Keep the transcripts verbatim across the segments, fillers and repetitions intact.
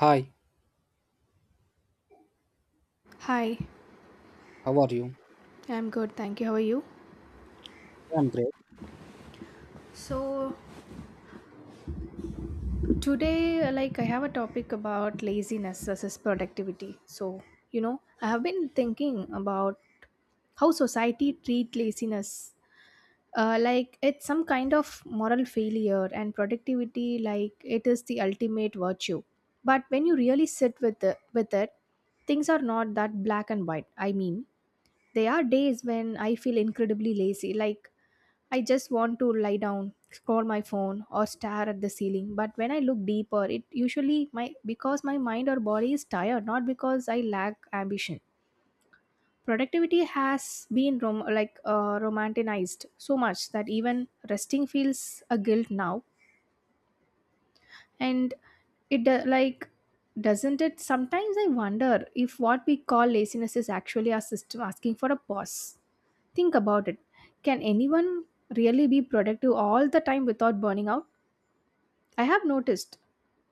Hi, Hi, how are you? I'm good. Thank you. How are you? I'm great. So, Today, like, I have a topic about laziness versus productivity. So, you know, I have been thinking about how society treat laziness. Uh, like, it's some kind of moral failure, and productivity, like, it is the ultimate virtue. But when you really sit with it, with it, things are not that black and white. I mean, there are days when I feel incredibly lazy, like I just want to lie down, scroll my phone, or stare at the ceiling. But when I look deeper, it usually my because my mind or body is tired, not because I lack ambition. Productivity has been rom- like uh, romanticized so much that even resting feels a guilt now, and it do- like doesn't it? Sometimes I wonder if what we call laziness is actually our system asking for a pause. Think about it. Can anyone really be productive all the time without burning out? I have noticed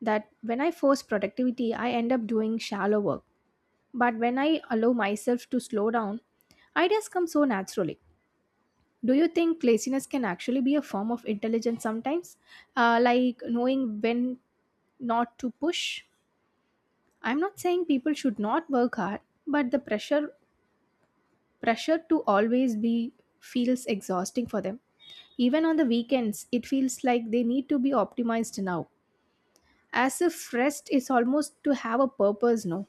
that when I force productivity, I end up doing shallow work. But when I allow myself to slow down, ideas come so naturally. Do you think laziness can actually be a form of intelligence sometimes? Uh, like knowing when not to push? I'm not saying people should not work hard, but the pressure pressure to always be feels exhausting for them. Even on the weekends, it feels like they need to be optimized now. As if rest is almost to have a purpose, no?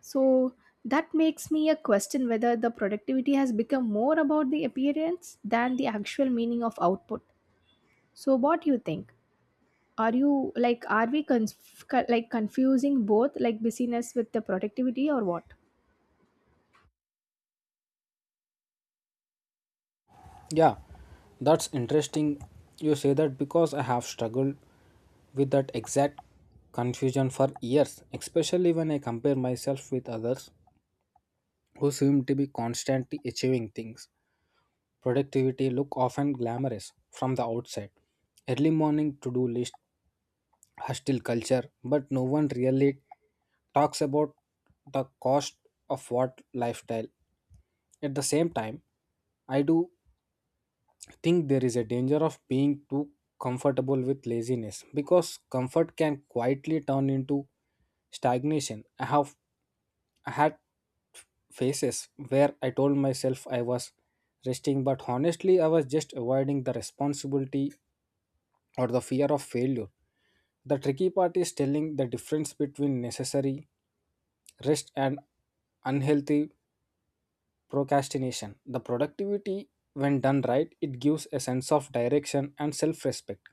So that makes me a question whether the productivity has become more about the appearance than the actual meaning of output. So what do you think? Are you like are we conf- co- like confusing both like busyness with the productivity or what? Yeah, that's interesting. You say that because I have struggled with that exact confusion for years, especially when I compare myself with others who seem to be constantly achieving things. Productivity look often glamorous from the outside. Early morning to-do list, hostile culture, but no one really talks about the cost of what lifestyle. At the same time, I do think there is a danger of being too comfortable with laziness because comfort can quietly turn into stagnation. I have I had phases where I told myself I was resting, but honestly, I was just avoiding the responsibility or the fear of failure. The tricky part is telling the difference between necessary rest and unhealthy procrastination. The productivity, when done right, it gives a sense of direction and self respect,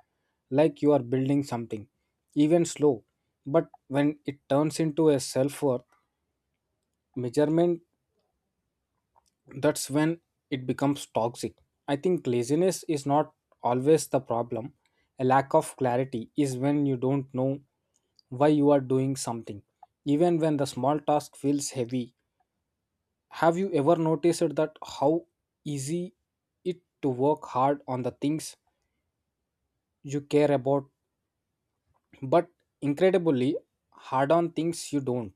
like you are building something, even slow. But when it turns into a self worth measurement, that's when it becomes toxic. I think laziness is not always the problem. A lack of clarity is when you don't know why you are doing something, even when the small task feels heavy. Have you ever noticed that how easy it to work hard on the things you care about, but incredibly hard on things you don't?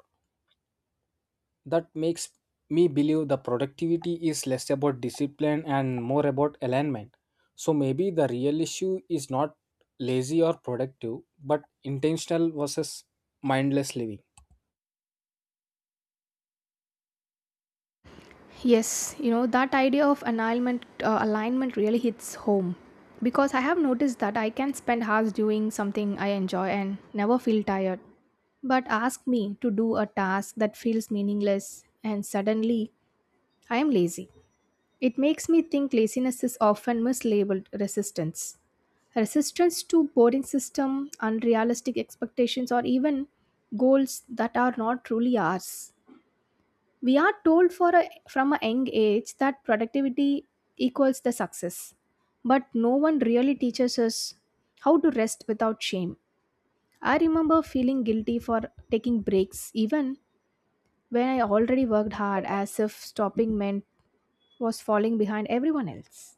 That makes me believe the productivity is less about discipline and more about alignment. So maybe the real issue is not lazy or productive, but intentional versus mindless living. Yes, you know that idea of alignment uh, alignment really hits home because I have noticed that I can spend hours doing something I enjoy and never feel tired. But ask me to do a task that feels meaningless, and suddenly I am lazy. It makes me think laziness is often mislabeled resistance. Resistance to boring system, unrealistic expectations, or even goals that are not truly ours. We are told for a, from a young age that productivity equals the success, but no one really teaches us how to rest without shame. I remember feeling guilty for taking breaks, even when I already worked hard, as if stopping meant was falling behind everyone else.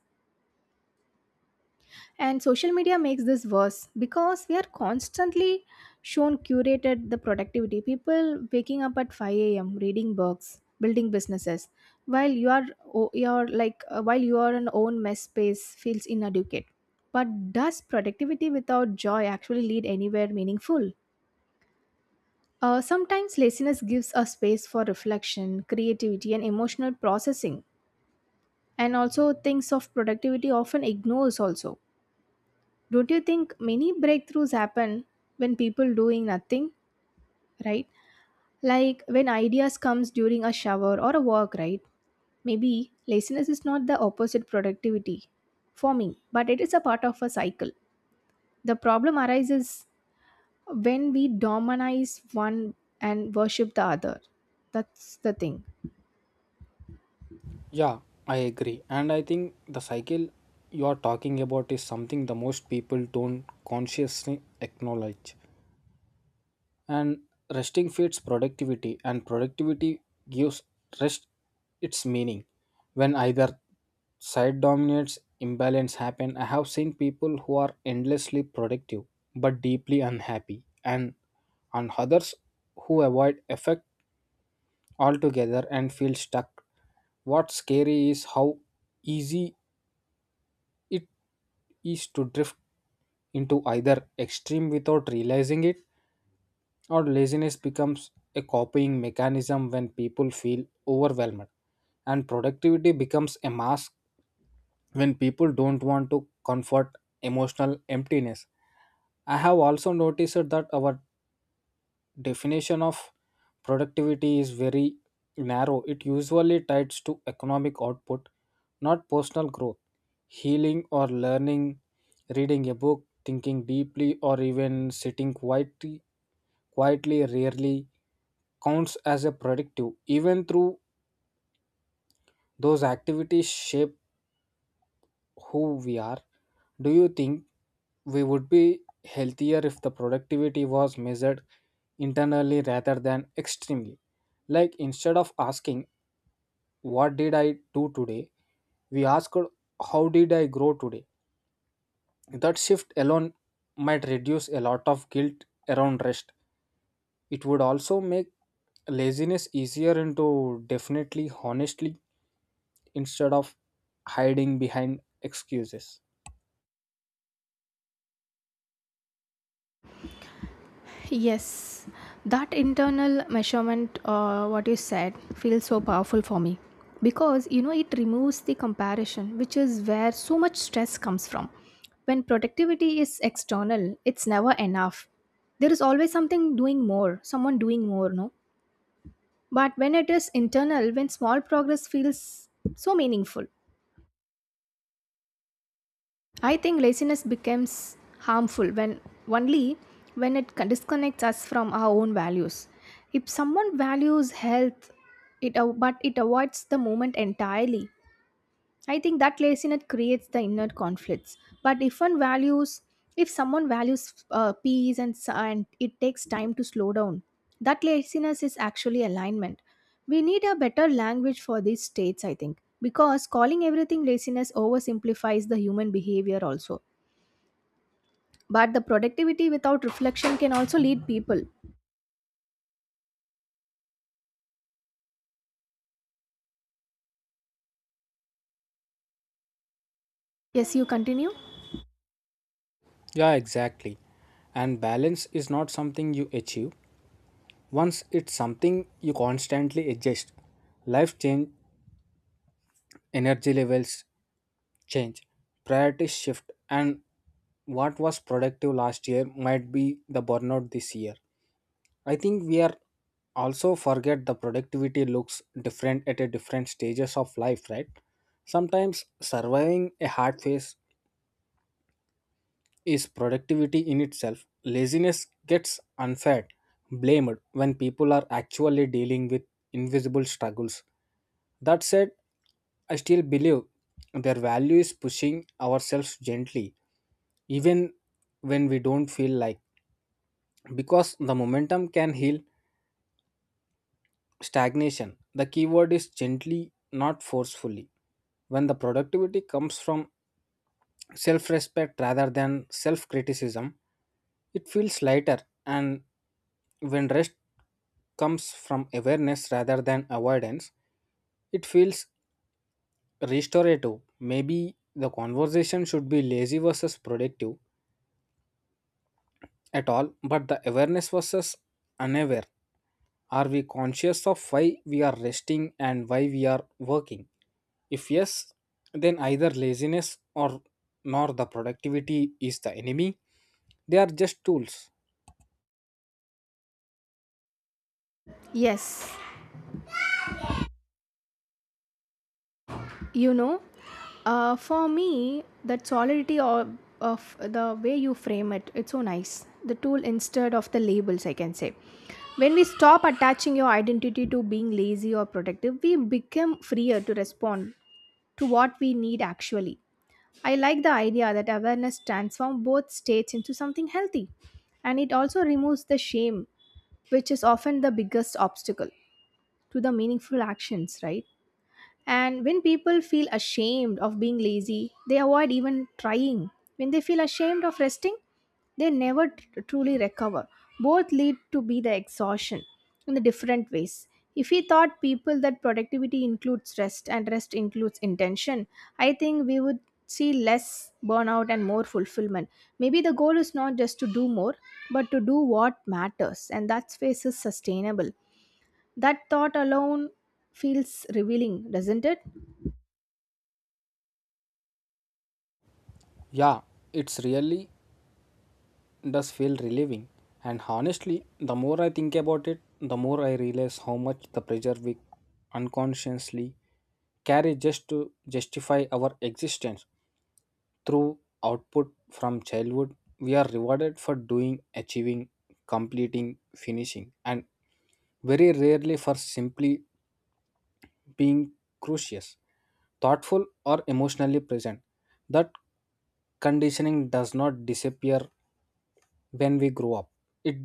And social media makes this worse because we are constantly shown curated the productivity. People waking up at five a m, reading books, building businesses, while you are o- you're like uh, while you are an own mess space feels inadequate. But does productivity without joy actually lead anywhere meaningful? Uh, sometimes laziness gives us space for reflection, creativity, and emotional processing. And also, things of productivity often ignores also. Don't you think many breakthroughs happen when people doing nothing, right? Like when ideas comes during a shower or a walk, right? Maybe laziness is not the opposite productivity for me, but it is a part of a cycle. The problem arises when we dominize one and worship the other. That's the thing. Yeah, I agree, and I think the cycle you are talking about is something the most people don't consciously acknowledge. And resting feeds productivity, and productivity gives rest its meaning. When either side dominates, imbalance happen. I have seen people who are endlessly productive but deeply unhappy, and on others who avoid effect altogether and feel stuck. What's scary is how easy it is to drift into either extreme without realizing it, or laziness becomes a copying mechanism when people feel overwhelmed, and productivity becomes a mask when people don't want to comfort emotional emptiness. I have also noticed that our definition of productivity is very narrow. It usually ties to economic output, not personal growth, healing or learning. Reading a book, thinking deeply, or even sitting quietly quietly rarely counts as a predictive, even through those activities shape who we are. Do you think we would be healthier if the productivity was measured internally rather than extremely? Like instead of asking what did I do today, we ask how did I grow today. That shift alone might reduce a lot of guilt around rest. It would also make laziness easier into definitely honestly, instead of hiding behind excuses. Yes, that internal measurement, uh, what you said, feels so powerful for me because you know it removes the comparison, which is where so much stress comes from. When productivity is external, it's never enough. There is always something doing more, someone doing more, no? But when it is internal, when small progress feels so meaningful, I think laziness becomes harmful when only when it con- disconnects us from our own values. If someone values health, it av- but it avoids the moment entirely. I think that laziness creates the inner conflicts. But if one values, If someone values uh, peace and, s- and it takes time to slow down, that laziness is actually alignment. We need a better language for these states, I think, because calling everything laziness oversimplifies the human behavior also but the productivity without reflection can also lead people. Yes, you continue? Yeah, exactly. And balance is not something you achieve once. It's something you constantly adjust. Life change, energy levels change, priorities shift, and what was productive last year might be the burnout this year. I think we are also forget the productivity looks different at a different stages of life, right? Sometimes surviving a hard phase is productivity in itself. Laziness gets unfair, blamed when people are actually dealing with invisible struggles. That said, I still believe their value is pushing ourselves gently, even when we don't feel like, because the momentum can heal stagnation. The keyword is gently, not forcefully. When the productivity comes from self respect rather than self criticism, it feels lighter, and when rest comes from awareness rather than avoidance, it feels restorative. Maybe the conversation should be lazy versus productive at all, but the awareness versus unaware. Are we conscious of why we are resting and why we are working? If yes, then either laziness or nor the productivity is the enemy. They are just tools. Yes, you know, uh, for me, that solidity of, of the way you frame it, it's so nice. The tool instead of the labels, I can say. When we stop attaching your identity to being lazy or productive, we become freer to respond to what we need actually. I like the idea that awareness transforms both states into something healthy, and it also removes the shame, which is often the biggest obstacle to the meaningful actions, right? And when people feel ashamed of being lazy, they avoid even trying. When they feel ashamed of resting, they never tr- truly recover. Both lead to be the exhaustion in the different ways. If we thought people that productivity includes rest and rest includes intention, I think we would see less burnout and more fulfillment. Maybe the goal is not just to do more, but to do what matters, and that space is sustainable. That thought alone feels revealing, doesn't it? Yeah, it's really does feel relieving. And honestly, the more I think about it, the more I realize how much the pressure we unconsciously carry just to justify our existence through output. From childhood, we are rewarded for doing, achieving, completing, finishing, and very rarely for simply being curious, thoughtful or emotionally present. That conditioning does not disappear when we grow up. It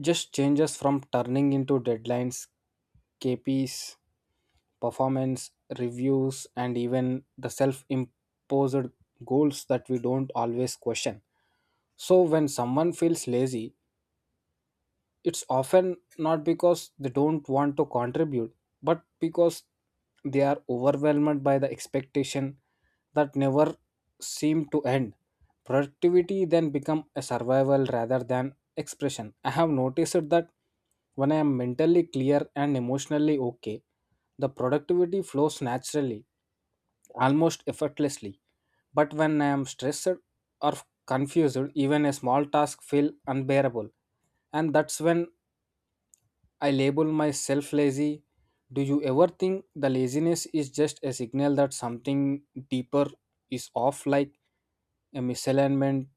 just changes from turning into deadlines, K Ps, performance reviews, and even the self imposed goals that we don't always question. So, when someone feels lazy, it's often not because they don't want to contribute, but because they are overwhelmed by the expectation that never seem to end. Productivity then become a survival rather than expression. I have noticed that when I am mentally clear and emotionally okay, the productivity flows naturally, almost effortlessly. But when I am stressed or confused, even a small task feel unbearable, and that's when I label myself lazy. Do you ever think the laziness is just a signal that something deeper is off, like a misalignment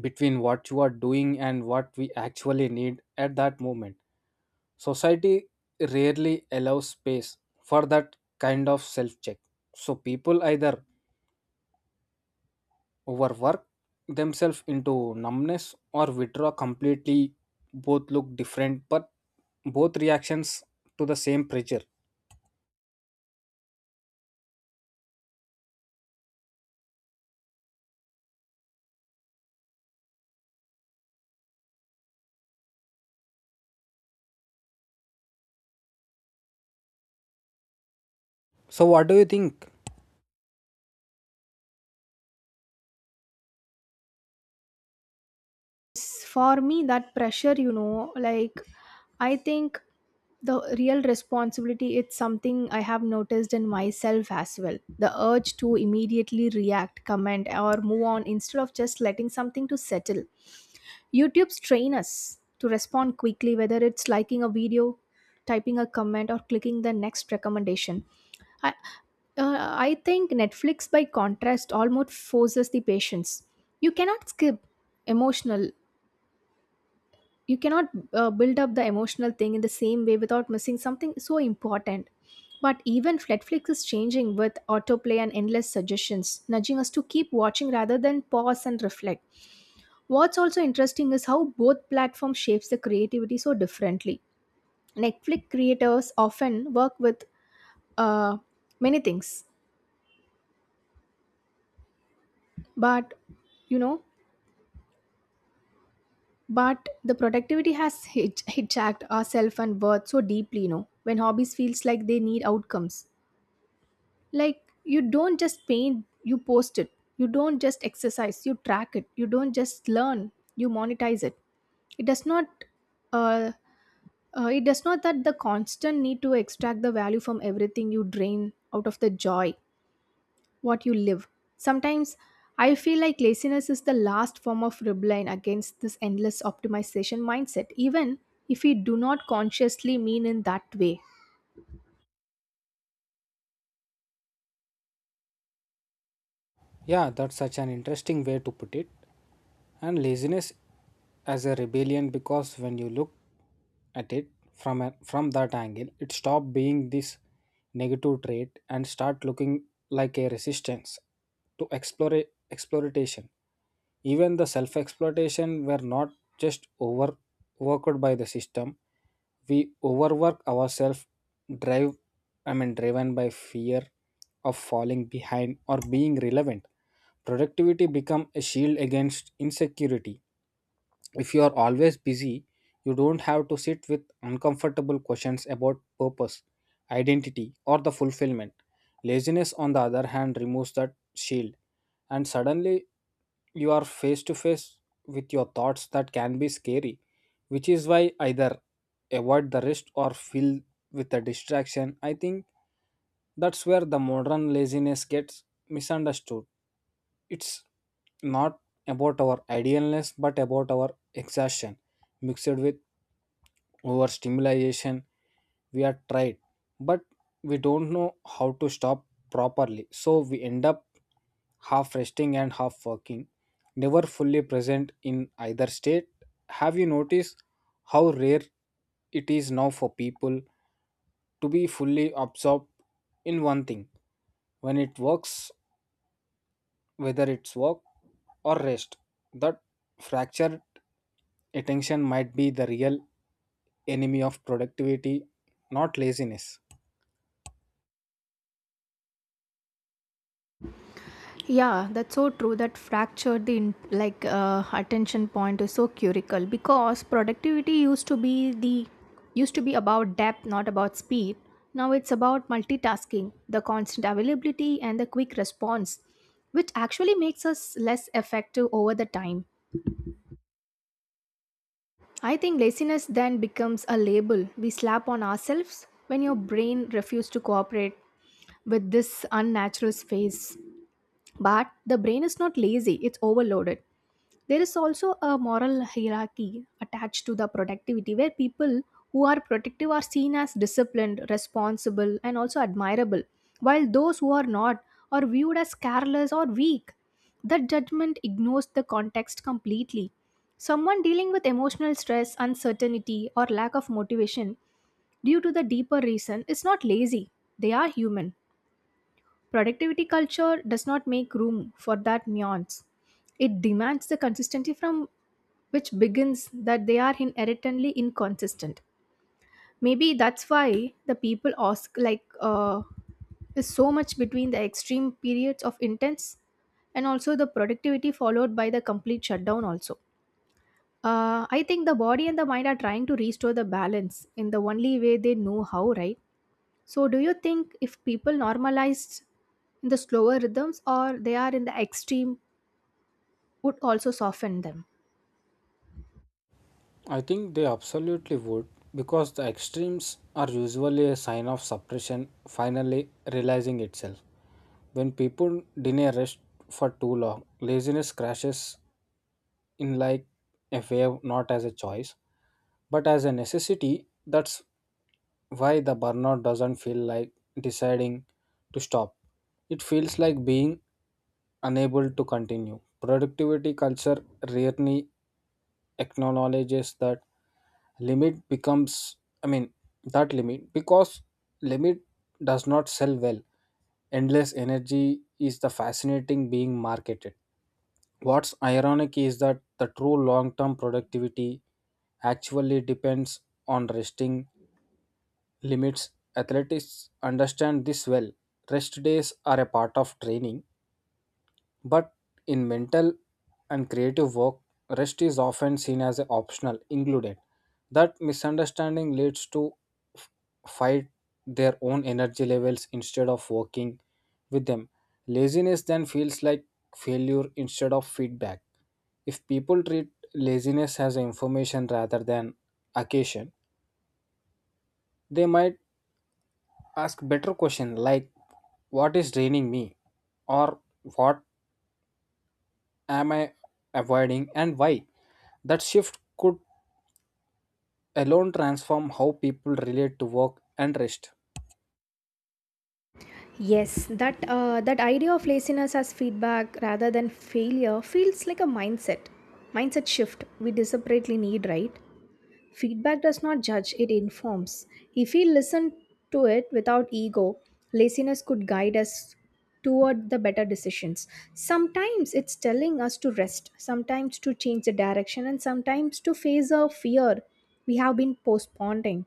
between what you are doing and what we actually need at that moment? Society rarely allows space for that kind of self check. So people either overwork themselves into numbness or withdraw completely. Both look different, but both reactions to the same pressure. So, what do you think? For me that pressure you know like I think the real responsibility it's something I have noticed in myself as well. The urge to immediately react comment or move on instead of just letting something to settle. YouTube's train us to respond quickly whether it's liking a video, typing a comment, or clicking the next recommendation. I, uh, I think Netflix, by contrast, almost forces the patience. You cannot skip emotional you cannot uh, build up the emotional thing in the same way without missing something so important, but even Netflix is changing with autoplay and endless suggestions nudging us to keep watching rather than pause and reflect. What's also interesting is how both platforms shapes the creativity so differently. Netflix creators often work with uh, many things but you know but the productivity has hij- hijacked our self and worth so deeply, you know, when hobbies feels like they need outcomes, like you don't just paint you post it, you don't just exercise you track it, you don't just learn you monetize it. It does not uh, uh, it does not that the constant need to extract the value from everything you drain out of the joy what you live. Sometimes I feel like laziness is the last form of rebellion against this endless optimization mindset even if we do not consciously mean in that way. Yeah, that's such an interesting way to put it. And laziness as a rebellion, because when you look at it from a, from that angle, it stopped being this negative trait and start looking like a resistance to explore exploitation, even the self exploitation. Were not just overworked by the system, we overwork ourselves, drive i mean driven by fear of falling behind or being relevant. Productivity become a shield against insecurity. If you are always busy, you don't have to sit with uncomfortable questions about purpose, identity, or the fulfillment. Laziness, on the other hand, removes that shield, and suddenly you are face to face with your thoughts that can be scary, which is why either avoid the risk or fill with a distraction. I think that's where the modern laziness gets misunderstood. It's not about our idealness, but about our exhaustion mixed with overstimulation. We are tried, but we don't know how to stop properly. So we end up half resting and half working, never fully present in either state. Have you noticed how rare it is now for people to be fully absorbed in one thing? When it works, whether it's work or rest. That fractured attention might be the real enemy of productivity, not laziness. Yeah, that's so true. That fractured the in- like uh, attention point is so critical because productivity used to be the used to be about depth, not about speed. Now it's about multitasking, the constant availability, and the quick response, which actually makes us less effective over the time. I think laziness then becomes a label we slap on ourselves when your brain refuses to cooperate with this unnatural space. But the brain is not lazy, it's overloaded. There is also a moral hierarchy attached to the productivity where people who are productive are seen as disciplined, responsible, and also admirable, while those who are not are viewed as careless or weak. That judgment ignores the context completely. Someone dealing with emotional stress, uncertainty, or lack of motivation due to the deeper reason is not lazy, they are human. Productivity culture does not make room for that nuance. It demands the consistency from which begins that they are inherently inconsistent. Maybe that's why the people ask, like, uh, is so much between the extreme periods of intense and also the productivity followed by the complete shutdown, also. Uh, I think the body and the mind are trying to restore the balance in the only way they know how, right? So, do you think if people normalized in the slower rhythms or they are in the extreme would also soften them? I think they absolutely would, because the extremes are usually a sign of suppression finally realizing itself. When people deny rest for too long, laziness crashes in like a wave, not as a choice, but as a necessity. That's why the burnout doesn't feel like deciding to stop. It feels like being unable to continue. Productivity culture rarely acknowledges that limit becomes, I mean, that limit, because limit does not sell well. Endless energy is the fascinating being marketed. What's ironic is that the true long term productivity actually depends on resting limits. Athletes understand this well. Rest days are a part of training, but in mental and creative work, rest is often seen as an optional ingredient. That misunderstanding leads to f- fight their own energy levels instead of working with them. Laziness then feels like failure instead of feedback. If people treat laziness as information rather than occasion, they might ask better question like what is draining me, or what am I avoiding and why. That shift could alone transform how people relate to work and rest. Yes, that uh, that idea of laziness as feedback rather than failure feels like a mindset mindset shift we desperately need, right? Feedback does not judge, it informs. If we listen to it without ego, laziness could guide us toward the better decisions. Sometimes it's telling us to rest, sometimes to change the direction, and sometimes to face a fear we have been postponing.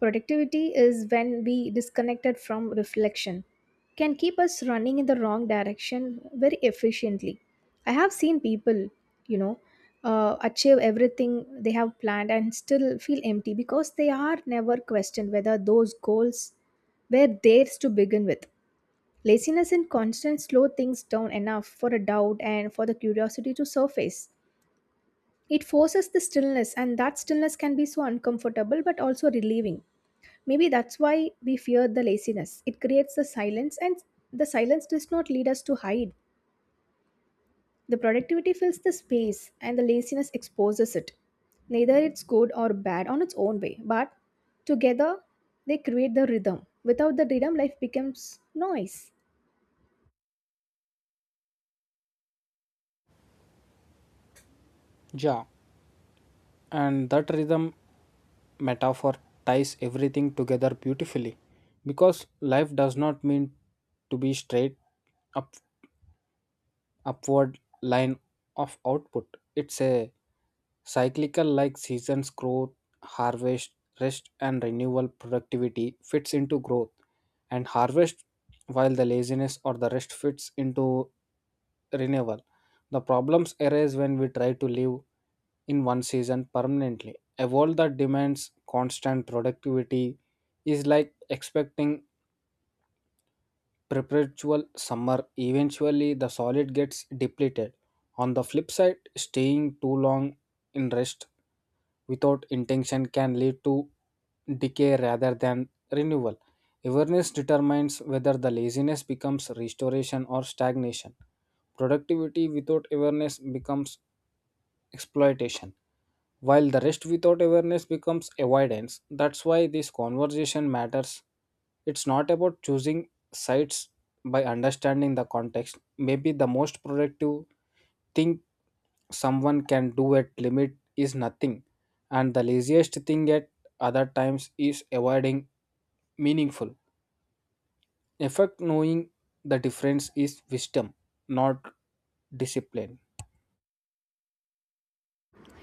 Productivity is when we disconnected from reflection, can keep us running in the wrong direction very efficiently. I have seen people, you know, uh, achieve everything they have planned and still feel empty because they are never questioned whether those goals were theirs to begin with. Laziness and constant slow things down enough for a doubt and for the curiosity to surface. It forces the stillness, and that stillness can be so uncomfortable but also relieving. Maybe that's why we fear the laziness. It creates the silence, and the silence does not lead us to hide. The productivity fills the space, and the laziness exposes it. Neither it's good or bad on its own way, but together they create the rhythm. Without the rhythm, life becomes noise. Yeah, and that rhythm metaphor ties everything together beautifully, because life does not mean to be straight up upward line of output. It's a cyclical, like seasons: growth, harvest, rest and renewal. Productivity fits into growth and harvest, while the laziness or the rest fits into renewal. The problems arise when we try to live in one season permanently. A world that demands constant productivity is like expecting perpetual summer, eventually the solid gets depleted. On the flip side, staying too long in rest without intention can lead to decay rather than renewal. Awareness determines whether the laziness becomes restoration or stagnation. Productivity without awareness becomes exploitation, while the rest without awareness becomes avoidance. That's why this conversation matters. It's not about choosing sides by understanding the context. Maybe the most productive thing someone can do at limit is nothing, and the laziest thing at other times is avoiding meaningful. In fact, knowing the difference is wisdom, not discipline.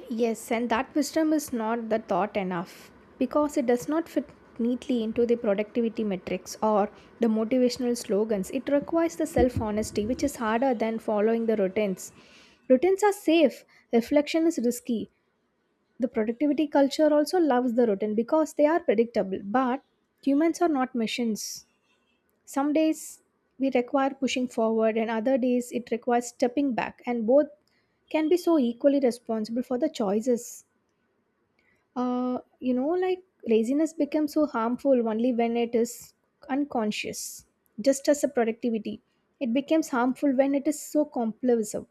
Yes, and that wisdom is not the thought enough because it does not fit neatly into the productivity metrics or the motivational slogans. It requires the self honesty, which is harder than following the routines. Routines are safe, reflection is risky. The productivity culture also loves the routine because they are predictable, but humans are not machines. Some days we require pushing forward, and other days it requires stepping back, and both can be so equally responsible for the choices. Uh, you know, like laziness becomes so harmful only when it is unconscious, just as a productivity. It becomes harmful when it is so compulsive.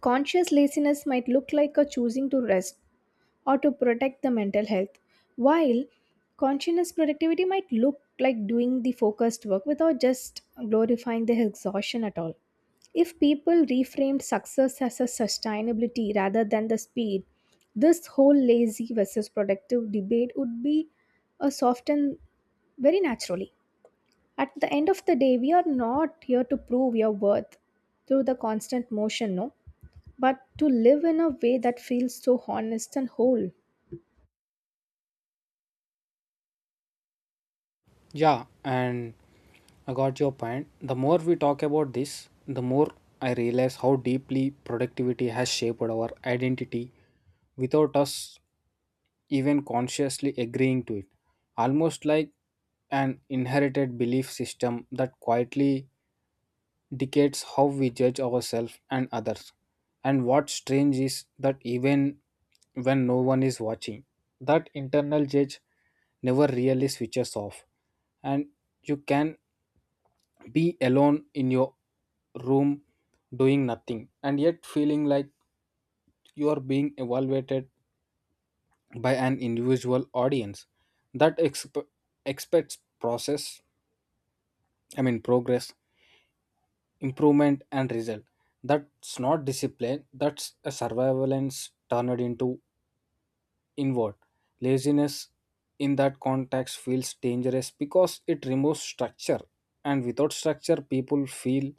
Conscious laziness might look like a choosing to rest, or to protect the mental health. While conscious productivity might look like doing the focused work without just glorifying the exhaustion at all. If people reframed success as a sustainability rather than the speed, this whole lazy versus productive debate would be a softened very naturally. At the end of the day, we are not here to prove your worth through the constant motion, no, but to live in a way that feels so honest and whole. Yeah, and I got your point. The more we talk about this, the more I realize how deeply productivity has shaped our identity without us even consciously agreeing to it. Almost like an inherited belief system that quietly dictates how we judge ourselves and others. And what's strange is that even when no one is watching, that internal judge never really switches off. And you can be alone in your room doing nothing, and yet feeling like you are being evaluated by an individual audience that exp- expects process I mean progress, improvement and result. That's not discipline, that's a surveillance turned into inward. Laziness in that context feels dangerous because it removes structure, and without structure people feel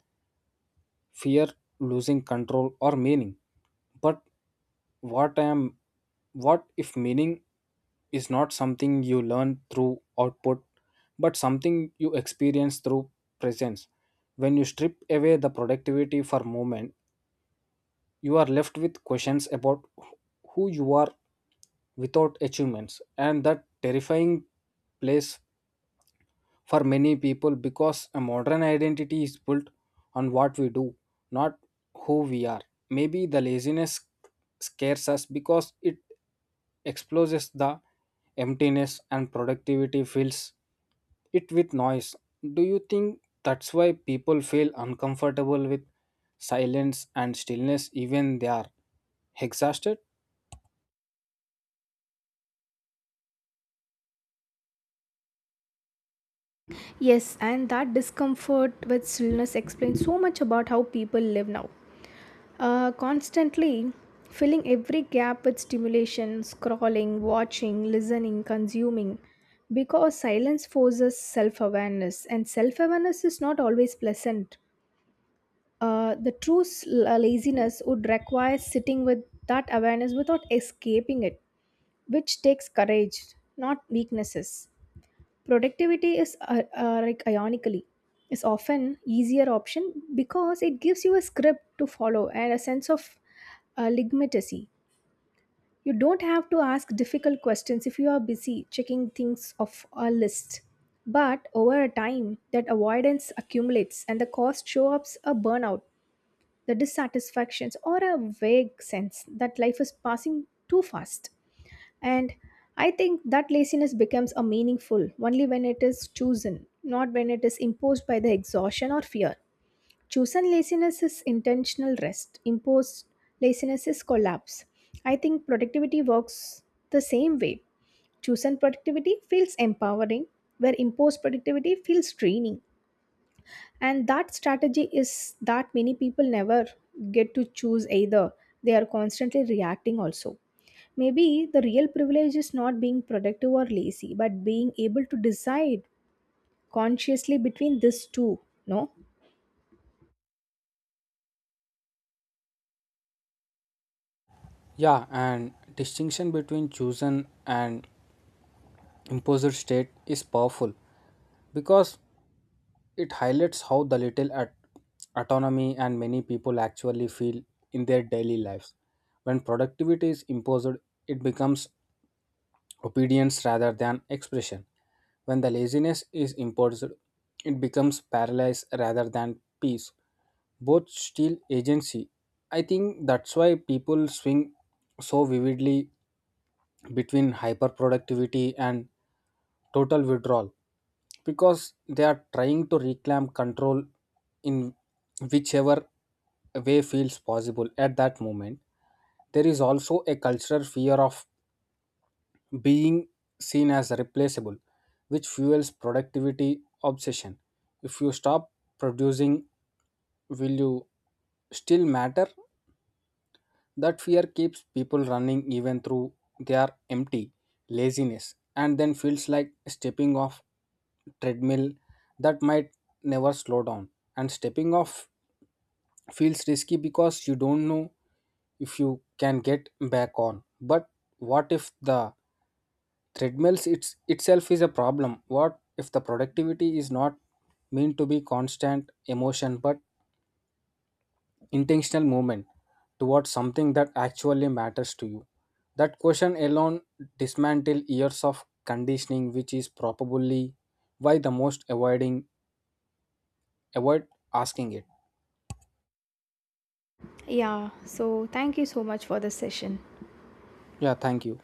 fear losing control or meaning. But what I am what if meaning is not something you learn through output, but something you experience through presence? When you strip away the productivity for moment, you are left with questions about who you are without achievements, and that terrifying place for many people, because a modern identity is built on what we do, not who we are. Maybe the laziness scares us because it exposes the emptiness, and productivity fills it with noise. Do you think that's why people feel uncomfortable with silence and stillness even they are exhausted? Yes, and that discomfort with stillness explains so much about how people live now. Uh, constantly filling every gap with stimulation, scrolling, watching, listening, consuming, because silence forces self awareness, and self awareness is not always pleasant. Uh, the true s- la- laziness would require sitting with that awareness without escaping it, which takes courage, not weaknesses. Productivity is uh, uh, like ironically is often easier option because it gives you a script to follow and a sense of uh, legitimacy. You don't have to ask difficult questions if you are busy checking things off a list, but over a time that avoidance accumulates and the cost show up a burnout, the dissatisfactions or a vague sense that life is passing too fast. And I think that laziness becomes a meaningful only when it is chosen, not when it is imposed by the exhaustion or fear. Chosen laziness is intentional rest, imposed laziness is collapse. I think productivity works the same way. Chosen productivity feels empowering, where imposed productivity feels draining. And that strategy is that many people never get to choose either. They are constantly reacting also. Maybe the real privilege is not being productive or lazy, but being able to decide consciously between these two, no? Yeah, and distinction between chosen and imposed state is powerful, because it highlights how the little at- autonomy and many people actually feel in their daily lives. When productivity is imposed, it becomes obedience rather than expression. When the laziness is imposed, it becomes paralysis rather than peace. Both steal agency. I think that's why people swing so vividly between hyperproductivity and total withdrawal, because they are trying to reclaim control in whichever way feels possible at that moment. There is also a cultural fear of being seen as replaceable, which fuels productivity obsession. If you stop producing, will you still matter? That fear keeps people running even through their empty. Laziness and then feels like stepping off treadmill that might never slow down. And stepping off feels risky because you don't know if you can get back on. But what if the treadmills it's, itself is a problem? What if the productivity is not meant to be constant emotion, but intentional movement towards something that actually matters to you? That question alone dismantle years of conditioning, which is probably why the most avoiding avoid asking it. Yeah, so thank you so much for the session. Yeah, thank you.